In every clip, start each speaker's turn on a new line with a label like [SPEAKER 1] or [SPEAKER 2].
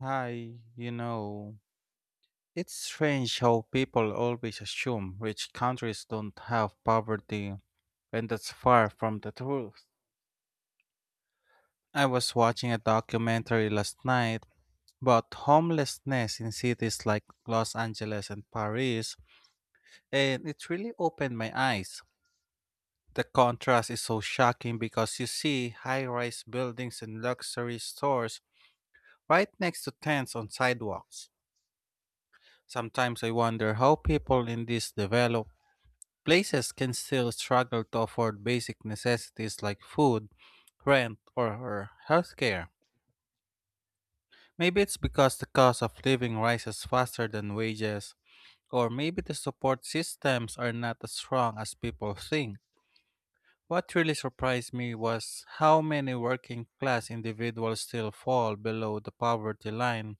[SPEAKER 1] Hi, it's strange how people always assume rich countries don't have poverty, and that's far from the truth. I was watching a documentary last night about homelessness in cities like Los Angeles and Paris, and it really opened my eyes. The contrast is so shocking because you see high rise buildings and luxury stores right next to tents on sidewalks. Sometimes I wonder how people in these developed places can still struggle to afford basic necessities like food, rent, or healthcare. Maybe it's because the cost of living rises faster than wages, or maybe the support systems are not as strong as people think. What really surprised me was how many working class individuals still fall below the poverty line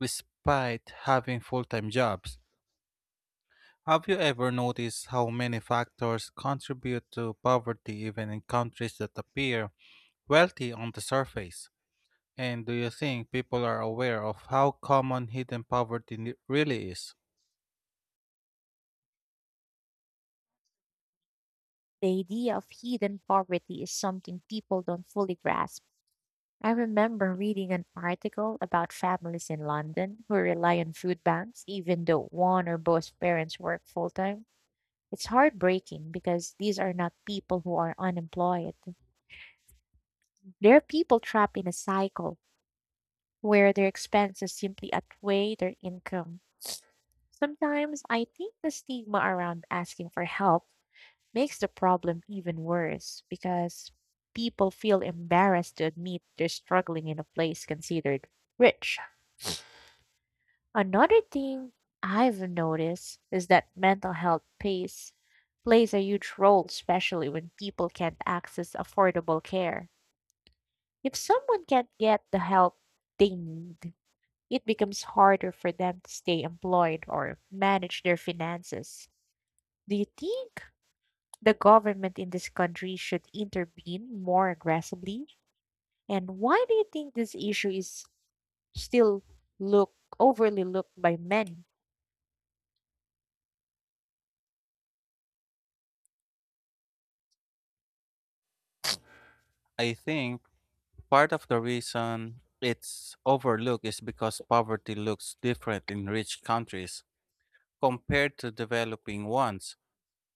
[SPEAKER 1] despite having full time jobs. Have you ever noticed how many factors contribute to poverty even in countries that appear wealthy on the surface? And do you think people are aware of how common hidden really is?
[SPEAKER 2] The idea of hidden poverty is something people don't fully grasp. I remember reading an article about families in London who rely on food banks, even though one or both parents work full time. It's heartbreaking because these are not people who are unemployed. They're people trapped in a cycle where their expenses simply outweigh their income. Sometimes I think the stigma around asking for help makes the problem even worse because people feel embarrassed to admit they're struggling in a place considered rich. Another thing I've noticed is that mental plays a huge role, especially when people can't access affordable care. If someone can't get the help they need, it becomes harder for them to stay employed or manage their finances. Do you think the government in this country should intervene more aggressively? And why do you think this issue is still look overly looked by many?
[SPEAKER 1] I think part of the reason it's overlooked is because poverty looks different in rich countries compared to developing ones.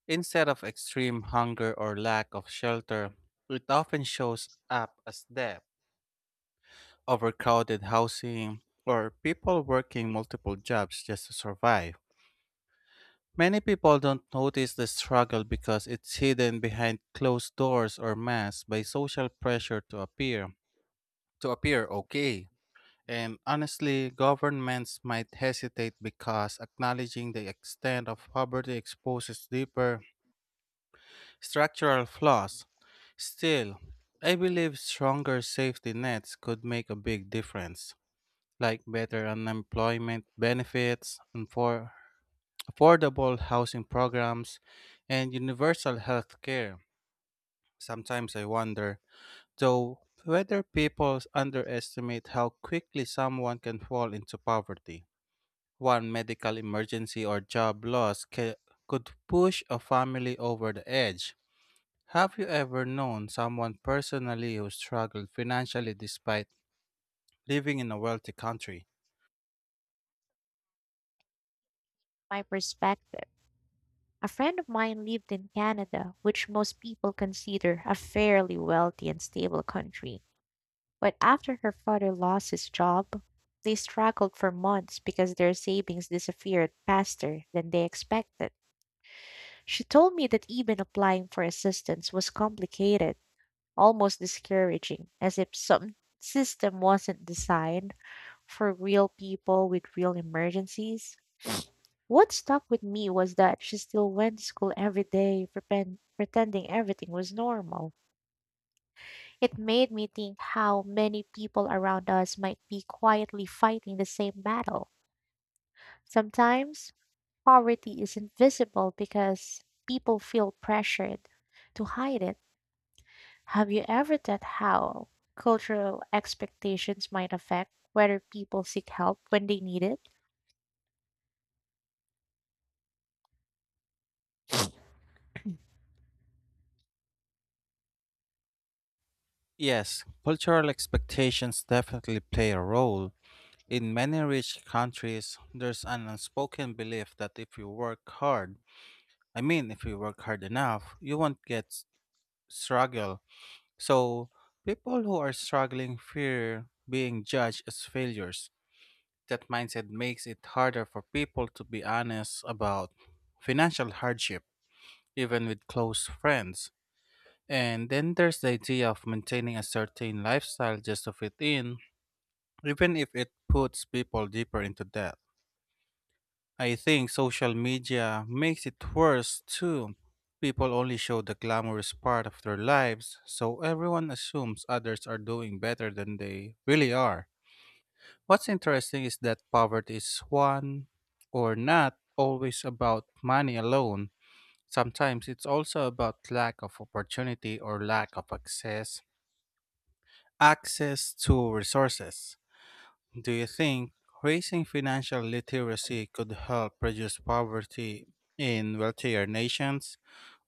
[SPEAKER 1] Instead of extreme hunger or lack of shelter, it often shows up as debt overcrowded housing, or people working multiple jobs just to survive. Many people don't notice the struggle because it's hidden behind closed doors or masks by social pressure to appear okay. And honestly, governments might hesitate because acknowledging the extent of poverty exposes deeper structural flaws. Still, I believe stronger safety nets could make a big difference, like better unemployment benefits, and for affordable housing programs, and universal health care. Sometimes I wonder, though, whether people underestimate how quickly someone can fall into poverty. One medical emergency or could push a family over the edge. Have you ever known someone personally who struggled financially despite living in a wealthy country?
[SPEAKER 2] My perspective. A friend of mine lived in Canada, which most people consider a fairly wealthy and stable country. But after her father lost his job, they struggled for months because their savings disappeared faster than they expected. She told me that even applying for assistance was complicated, almost discouraging, as if some system wasn't designed for real people with real emergencies. What stuck with me was that she still went to school every day, pretending everything was normal. It made me think how many people around us might be quietly fighting the same battle. Sometimes poverty is invisible because people feel pressured to hide it. Have you ever thought how cultural expectations might affect whether people seek help when they need it?
[SPEAKER 1] Yes, cultural expectations definitely play a role. In many rich countries, there's an unspoken belief that if you work hard, I mean, if you work hard enough, you won't get s- struggle. So, people who are struggling fear being judged as failures. That mindset makes it harder for people to be honest about financial hardship, even with close friends. And then there's the idea of maintaining a certain lifestyle just to fit in even if it puts people deeper into debt. I think social media makes it worse too. People only show the glamorous part of their lives, so everyone assumes others are doing better than they really are. What's interesting is that poverty is one or not always about money alone. Sometimes it's also about lack of opportunity or lack of access to resources. Do you think raising financial literacy could help reduce poverty in wealthier nations?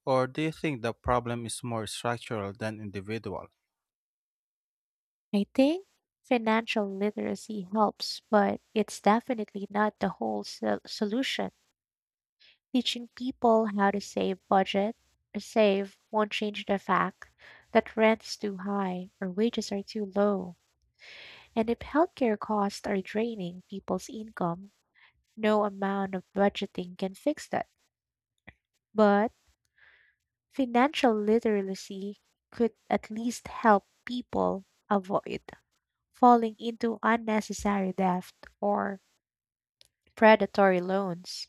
[SPEAKER 1] Or do you think the problem is more structural than individual?
[SPEAKER 2] I think financial literacy helps, but it's definitely not the whole solution. Teaching people how to save budget or save won't change the fact that rents is too high or wages are too low. And if healthcare costs are draining people's income, no amount of budgeting can fix that. But financial literacy could at least help people avoid falling into unnecessary debt or predatory loans.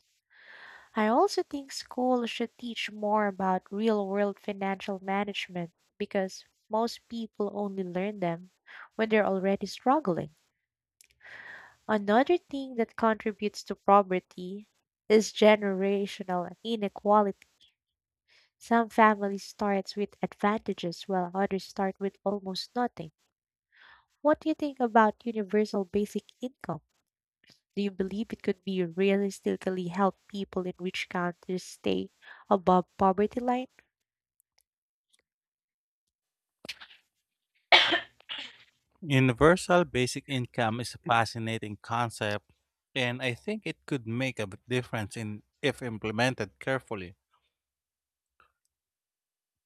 [SPEAKER 2] I also think schools should teach more about real world financial management because most people only learn them when they're already struggling. Another thing that contributes to poverty is generational inequality. Some families starts with advantages while others start with almost nothing. What do you think about universal basic income? Do you believe it could be realistically help people in rich countries stay above poverty line?
[SPEAKER 1] Universal basic income is a fascinating concept, and I think it could make a big difference if implemented carefully.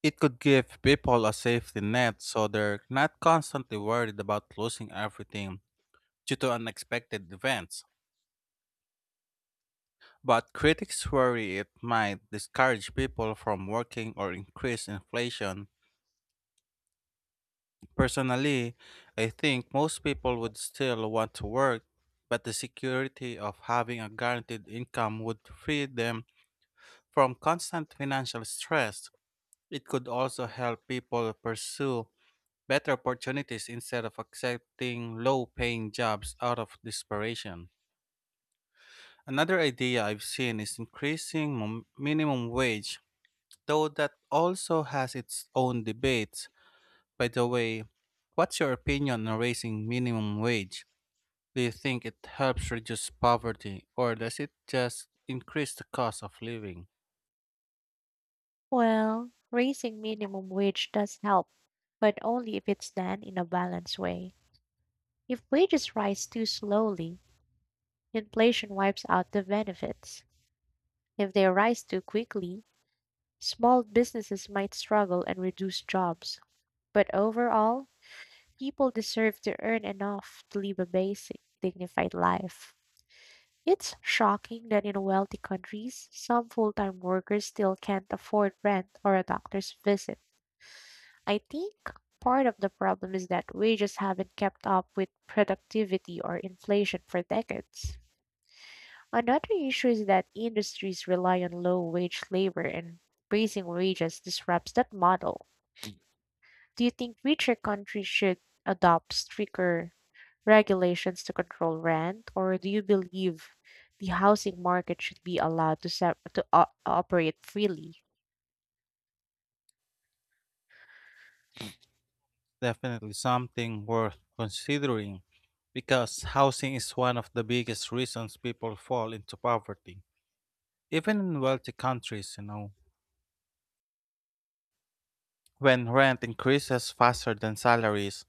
[SPEAKER 1] It could give people a safety net so they're not constantly worried about losing everything due to unexpected events. But critics worry it might discourage people from working or increase inflation. Personally, I think most people would still want to work, but the security of having a guaranteed income would free them from constant financial stress. It could also help people pursue better opportunities instead of accepting low paying jobs out of desperation. Another idea I've seen is increasing minimum wage, though that also has its own debates. By the way, what's your opinion on raising minimum wage? Do you think it helps reduce poverty or does it just increase the cost of living?
[SPEAKER 2] Well, raising minimum wage does help, but only if it's done in a balanced way. If wages rise too slowly, inflation wipes out the benefits. If they rise too quickly, small businesses might struggle and reduce jobs. But overall, people deserve to earn enough to live a basic, dignified life. It's shocking that in wealthy countries, some full time workers still can't afford rent or a doctor's visit. I think part of the problem is that wages haven't kept up with productivity or inflation for decades. Another issue is that industries rely on low wage labor and raising wages disrupts that model. Do you think richer countries should adopt stricter regulations to control rent, or do you believe the housing market should be allowed to operate freely?
[SPEAKER 1] Definitely something worth considering because housing is one of the biggest reasons people fall into poverty. Even in wealthy countries, when rent increases faster than salaries,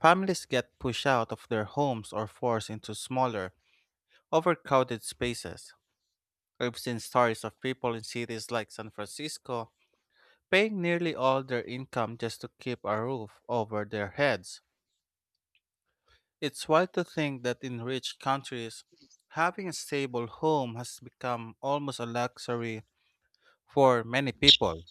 [SPEAKER 1] families get pushed out of their homes or forced into smaller overcrowded spaces. I've seen stories of people in cities like San Francisco paying nearly all their income just to keep a roof over their heads. It's wild to think that in rich countries, having a stable home has become almost a luxury for many people.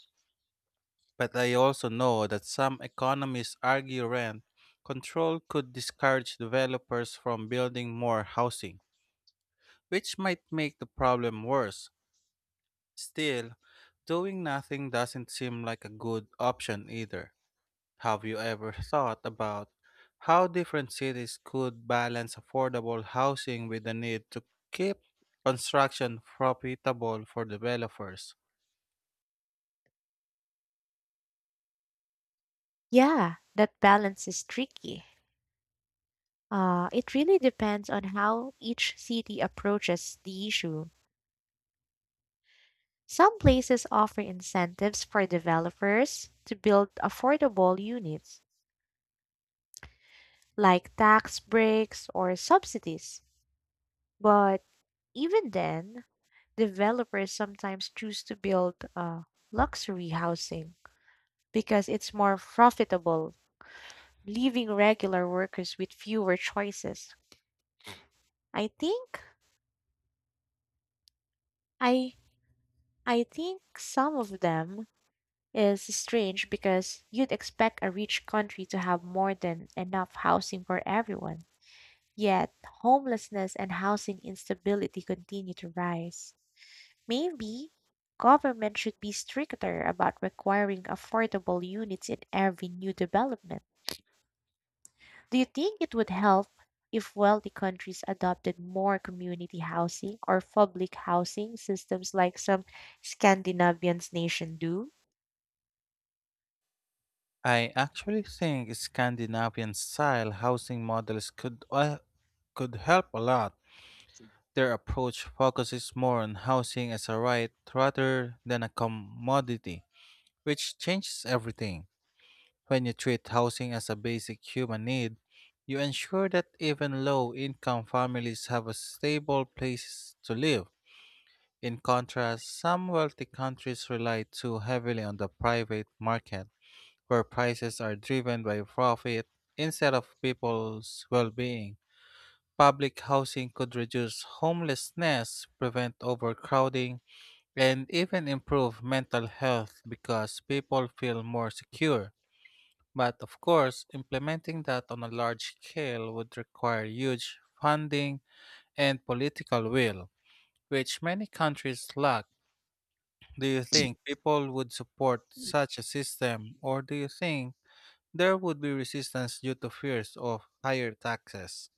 [SPEAKER 1] But I also know that some economists argue rent control could discourage developers from building more housing, which might make the problem worse. Still, doing nothing doesn't seem like a good option either. Have you ever thought about how different cities could balance affordable housing with the need to keep construction profitable for developers?
[SPEAKER 2] Yeah, that balance is tricky. It really depends on how each city approaches the issue. Some places offer incentives for developers to build affordable units, like tax breaks or subsidies. But even then, developers sometimes choose to build luxury housing because it's more profitable, leaving regular workers with fewer choices. I think I I think some of them is strange because you'd expect a rich country to have more than enough housing for everyone. Yet homelessness and housing instability continue to rise. Maybe government should be stricter about requiring affordable units in every new development. Do you think it would help if wealthy countries adopted more community housing or public housing systems like some Scandinavian nations do?
[SPEAKER 1] I actually think Scandinavian style housing models could help a lot. Their approach focuses more on housing as a right rather than a commodity, which changes everything. When you treat housing as a basic human need, you ensure that even low income families have a stable place to live. In contrast, some wealthy countries rely too heavily on the private market, where prices are driven by profit instead of people's well being. Public housing could reduce homelessness, prevent overcrowding, and even improve mental health because people feel more secure. But of course, implementing that on a large scale would require huge funding and political will, which many countries lack. Do you think people would support such a system, or do you think there would be resistance due to fears of higher taxes?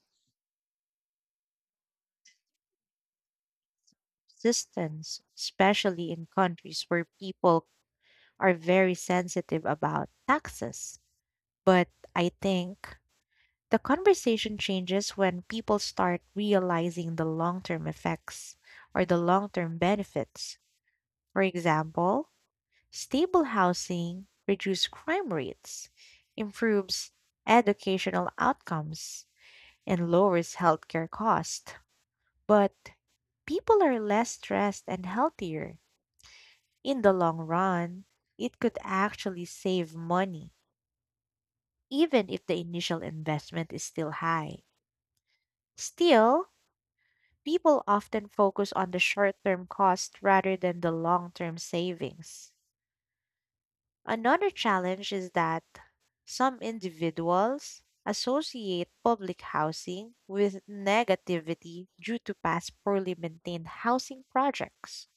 [SPEAKER 2] Systems, especially in countries where people are very sensitive about taxes. But I think the conversation changes when people start realizing the long term effects or the long term benefits. For example, stable housing reduces crime rates, improves educational outcomes, and lowers healthcare costs. But people are less stressed and healthier. In the long run, it could actually save money, even if the initial investment is still high. Still, people often focus on the short term cost rather than the long term savings. Another challenge is that some individuals associate public housing with negativity due to past poorly maintained housing projects.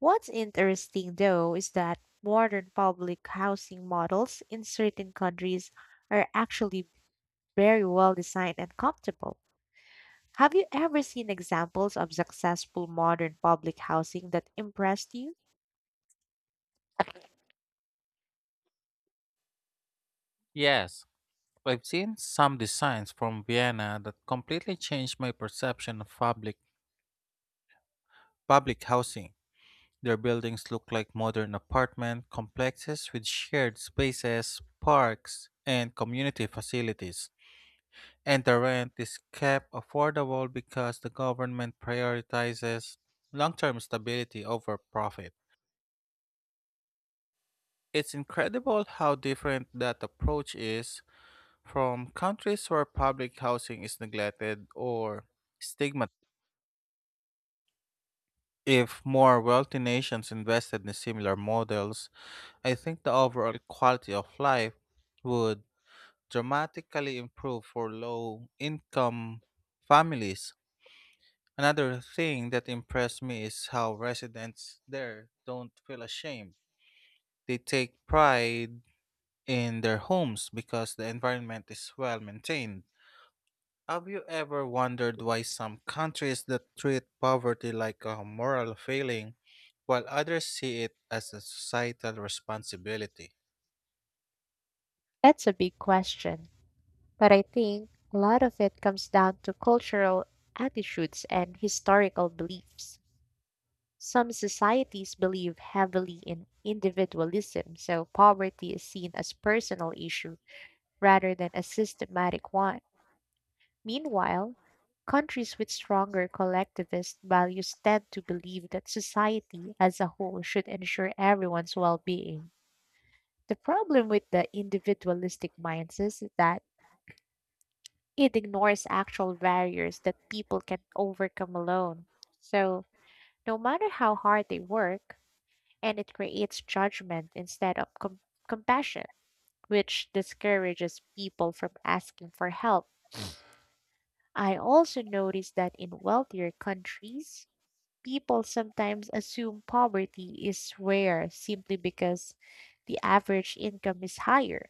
[SPEAKER 2] What's interesting, though, is that modern public housing models in certain countries are actually very well designed and comfortable. Have you ever seen examples of successful modern public housing that impressed you?
[SPEAKER 1] Yes, I've seen some designs from Vienna that completely changed my perception of public housing. Their buildings look like modern apartment complexes with shared spaces, parks, and community facilities. And the rent is kept affordable because the government prioritizes long term stability over profit. It's incredible how different that approach is from countries where public housing is neglected or stigmatized. If more wealthy nations invested in similar models, I think the overall quality of life would dramatically improve for low income families. Another thing that impressed me is how residents there don't feel ashamed. They take pride in their homes because the environment is well maintained. Have you ever wondered why some countries that treat poverty like a moral failing while others see it as a societal responsibility?
[SPEAKER 2] That's a big question. But I think a lot of it comes down to cultural attitudes and historical beliefs. Some societies believe heavily in individualism, so poverty is seen as personal issue rather than a systematic one. Meanwhile, countries with stronger collectivist values tend to believe that society as a whole should ensure everyone's well-being. The problem with the individualistic minds is that it ignores actual barriers that people can overcome alone. So, no matter how hard they work, and it creates judgment instead of compassion, which discourages people from asking for help. I also noticed that in wealthier countries, people sometimes assume poverty is rare simply because the average income is higher,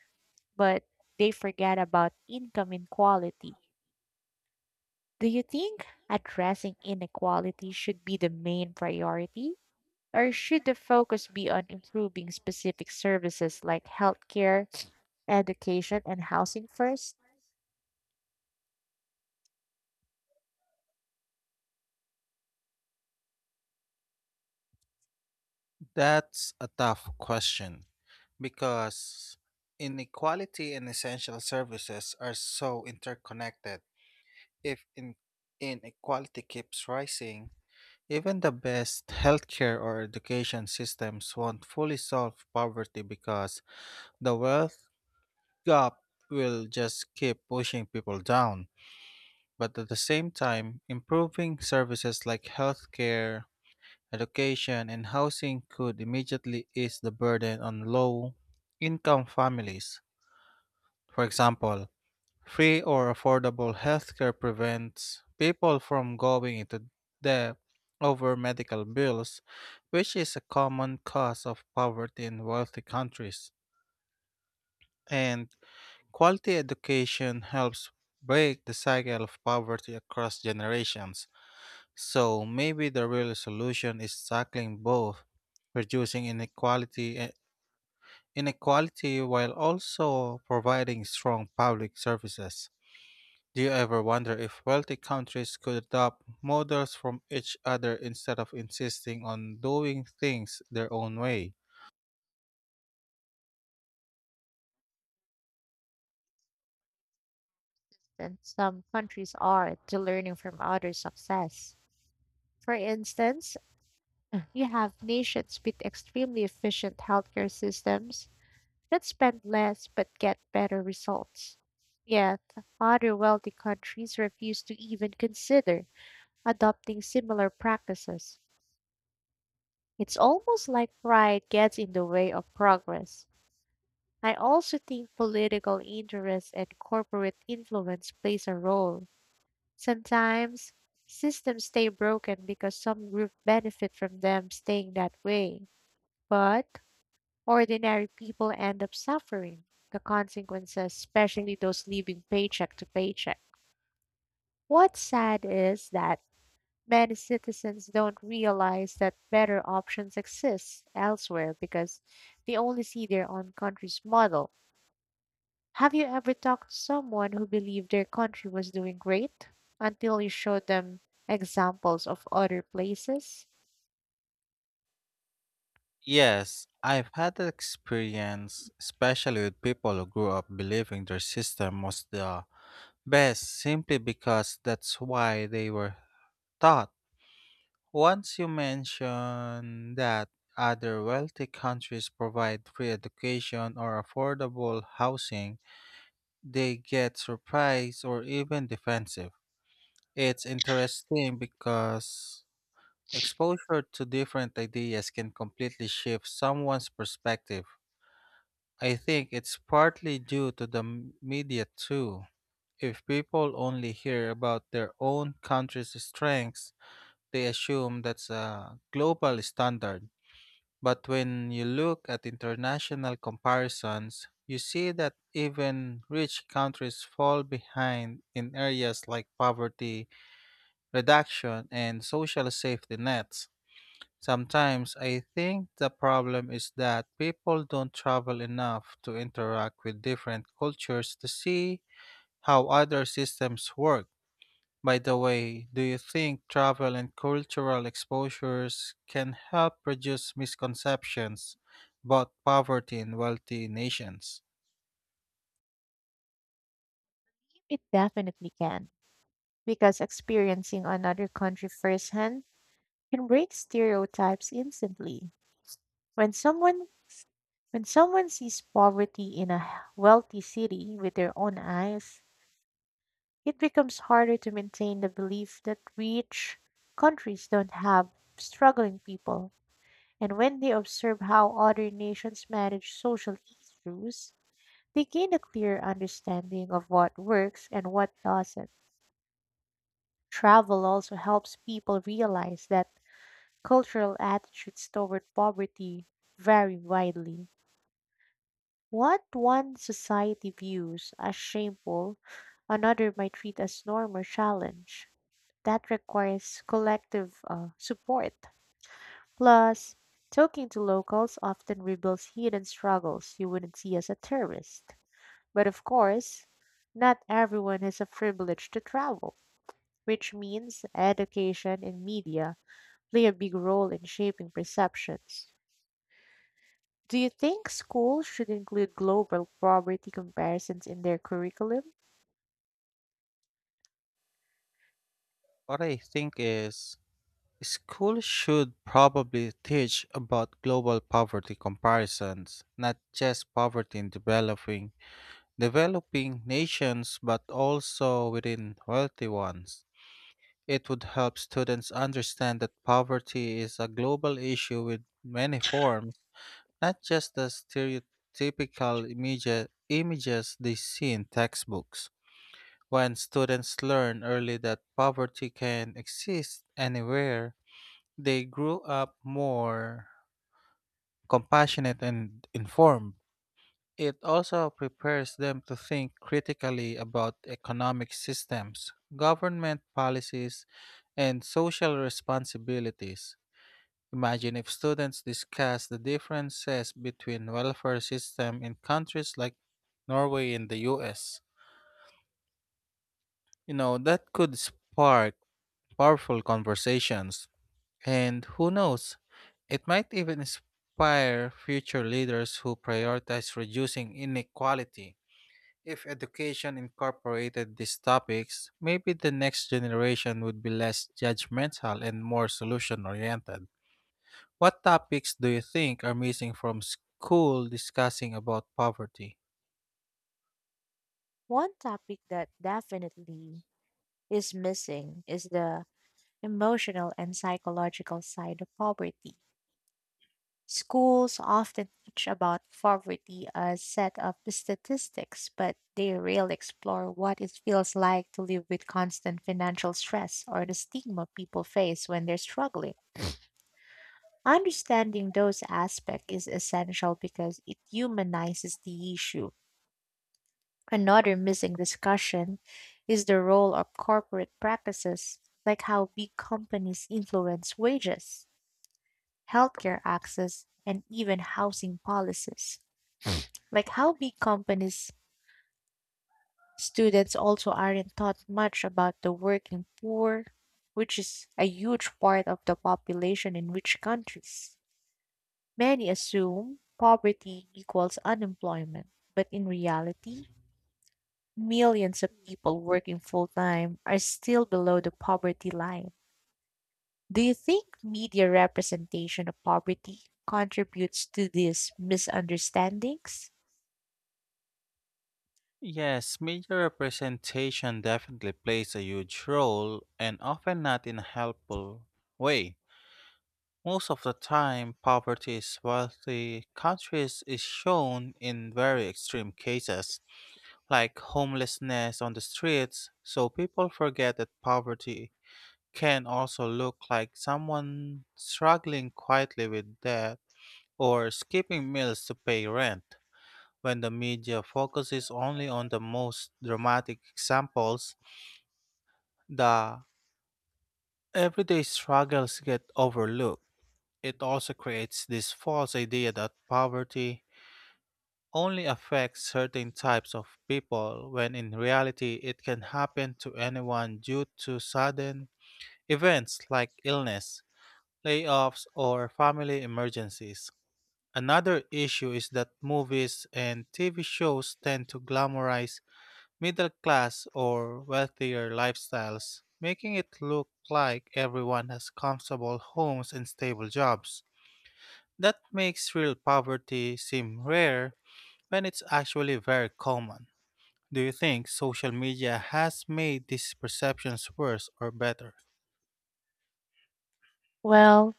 [SPEAKER 2] but they forget about income inequality. Do you think addressing inequality should be the main priority? Or should the focus be on improving specific services like healthcare, education, and housing first?
[SPEAKER 1] That's a tough question. Because inequality and essential services are so interconnected. If inequality keeps rising, even the best healthcare or education systems won't fully solve poverty because the wealth gap will just keep pushing people down. But at the same time, improving services like healthcare, education, and housing could immediately ease the burden on low income families. For example, free or affordable healthcare prevents people from going into debt over medical bills, which is a common cause of poverty in wealthy countries. And quality education helps break the cycle of poverty across generations. So maybe the real solution is tackling both, reducing inequality while also providing strong public services. Do you ever wonder if wealthy countries could adopt models from each other instead of insisting on doing things their own way?
[SPEAKER 2] And some countries are to learning from others' success. For instance, you have nations with extremely efficient healthcare systems that spend less but get better results. Yet, other wealthy countries refuse to even consider adopting similar practices. It's almost like pride gets in the way of progress. I also think political interest and corporate influence plays a role. Sometimes systems stay broken because some group benefit from them staying that way, but ordinary people end up suffering the consequences, especially those living paycheck to paycheck. What's sad is that many citizens don't realize that better options exist elsewhere because they only see their own country's model. Have you ever talked to someone who believed their country was doing great until you showed them examples of other places?
[SPEAKER 1] Yes, I've had that experience, especially with people who grew up believing their system was the best simply because that's why they were taught. Once you mention that other wealthy countries provide free education or affordable housing, they get surprised or even defensive. It's interesting because exposure to different ideas can completely shift someone's perspective. I think it's partly due to the media too. If people only hear about their own country's strengths, they assume that's a global standard. But when you look at international comparisons, you see that even rich countries fall behind in areas like poverty, reduction, and social safety nets. Sometimes I think the problem is that people don't travel enough to interact with different cultures to see how other systems work. By the way, do you think travel and cultural exposures can help reduce misconceptions about poverty in wealthy nations?
[SPEAKER 2] It definitely can, because experiencing another country firsthand can break stereotypes instantly. When someone when someone sees poverty in a wealthy city with their own eyes, it becomes harder to maintain the belief that rich countries don't have struggling people. And when they observe how other nations manage social issues, they gain a clear understanding of what works and what doesn't. Travel also helps people realize that cultural attitudes toward poverty vary widely. What one society views as shameful, another might treat as norm or challenge that requires collective support. Plus, talking to locals often reveals hidden struggles you wouldn't see as a tourist. But of course, not everyone has a privilege to travel, which means education and media play a big role in shaping perceptions. Do you think schools should include global poverty comparisons in their curriculum?
[SPEAKER 1] What I think is schools should probably teach about global poverty comparisons, not just poverty in developing nations but also within wealthy ones. It would help students understand that poverty is a global issue with many forms, not just the stereotypical images they see in textbooks. When students learn early that poverty can exist anywhere, they grew up more compassionate and informed. It also prepares them to think critically about economic systems, government policies, and social responsibilities. Imagine if students discuss the differences between welfare system in countries like Norway and the US. You know, that could spark powerful conversations. And who knows, it might even inspire future leaders who prioritize reducing inequality. If education incorporated these topics, maybe the next generation would be less judgmental and more solution oriented. What topics do you think are missing from school discussing about poverty?
[SPEAKER 2] One topic that definitely is missing is the emotional and psychological side of poverty. Schools often teach about poverty as set of statistics, but they rarely explore what it feels like to live with constant financial stress or the stigma people face when they're struggling. Understanding those aspects is essential because it humanizes the issue. Another missing discussion is the role of corporate practices, like how big companies influence wages, healthcare access, and even housing policies. Like how big companies, students also aren't taught much about the working poor, which is a huge part of the population in rich countries. Many assume poverty equals unemployment, but in reality, millions of people working full time are still below the poverty line. Do you think media representation of poverty contributes to these misunderstandings?
[SPEAKER 1] Yes, media representation definitely plays a huge role and often not in a helpful way. Most of the time, poverty in wealthy countries is shown in very extreme cases, like homelessness on the streets, so people forget that poverty can also look like someone struggling quietly with debt or skipping meals to pay rent. When the media focuses only on the most dramatic examples, the everyday struggles get overlooked. It also creates this false idea that poverty only affects certain types of people when in reality it can happen to anyone due to sudden events like illness, layoffs, or family emergencies. Another issue is that movies and TV shows tend to glamorize middle class or wealthier lifestyles, making it look like everyone has comfortable homes and stable jobs. That makes real poverty seem rare when it's actually very common. Do you think social media has made these perceptions worse or better?
[SPEAKER 2] Well,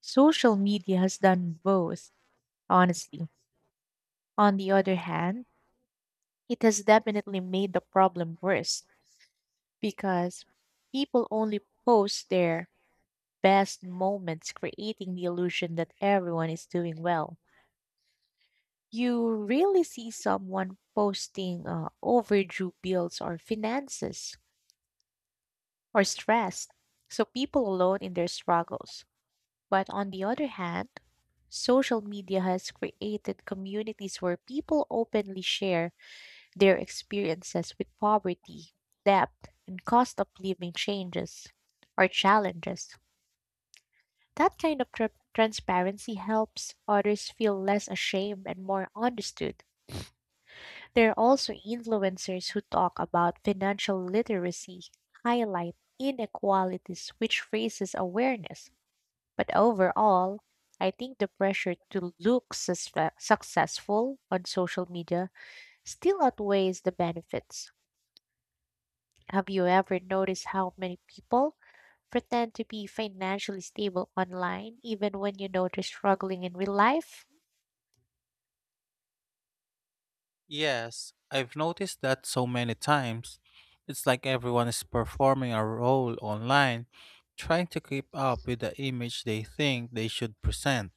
[SPEAKER 2] social media has done both, honestly. On the other hand, it has definitely made the problem worse because people only post their best moments, creating the illusion that everyone is doing well. You really see someone posting overdue bills or finances or stress, so people alone in their struggles. But on the other hand, social media has created communities where people openly share their experiences with poverty, debt, and cost of living changes or challenges. That kind of transparency helps others feel less ashamed and more understood. There are also influencers who talk about financial literacy, highlight inequalities, which raises awareness. But overall, I think the pressure to look successful on social media still outweighs the benefits. Have you ever noticed how many people pretend to be financially stable online even when you know they're struggling in real life?
[SPEAKER 1] Yes, I've noticed that so many times. It's like everyone is performing a role online, trying to keep up with the image they think they should present.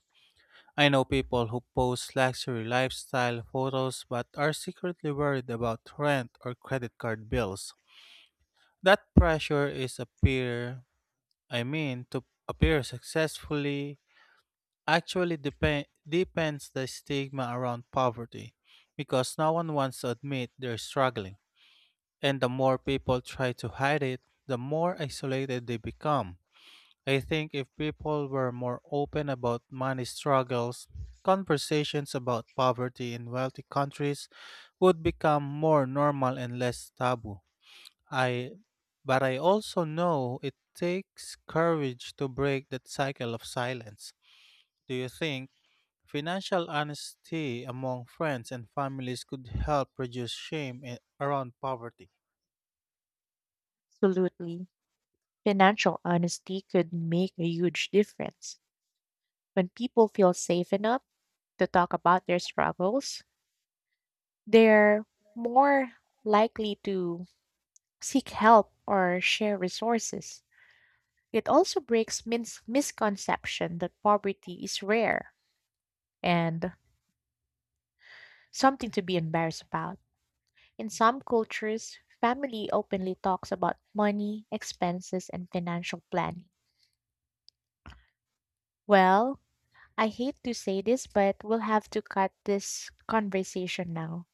[SPEAKER 1] I know people who post luxury lifestyle photos but are secretly worried about rent or credit card bills. That pressure is appear I mean to appear successfully. Actually, depends the stigma around poverty, because no one wants to admit they're struggling, and the more people try to hide it, the more isolated they become. I think if people were more open about money struggles, conversations about poverty in wealthy countries would become more normal and less taboo. I but I also know it takes courage to break that cycle of silence. Do you think financial honesty among friends and families could help reduce shame a- around poverty.
[SPEAKER 2] Absolutely. Financial honesty could make a huge difference. When people feel safe enough to talk about their struggles, they're more likely to seek help or share resources. It also breaks mins misconception that poverty is rare and something to be embarrassed about. In some cultures, family openly talks about money, expenses, and financial planning. Well, I hate to say this, but we'll have to cut this conversation now.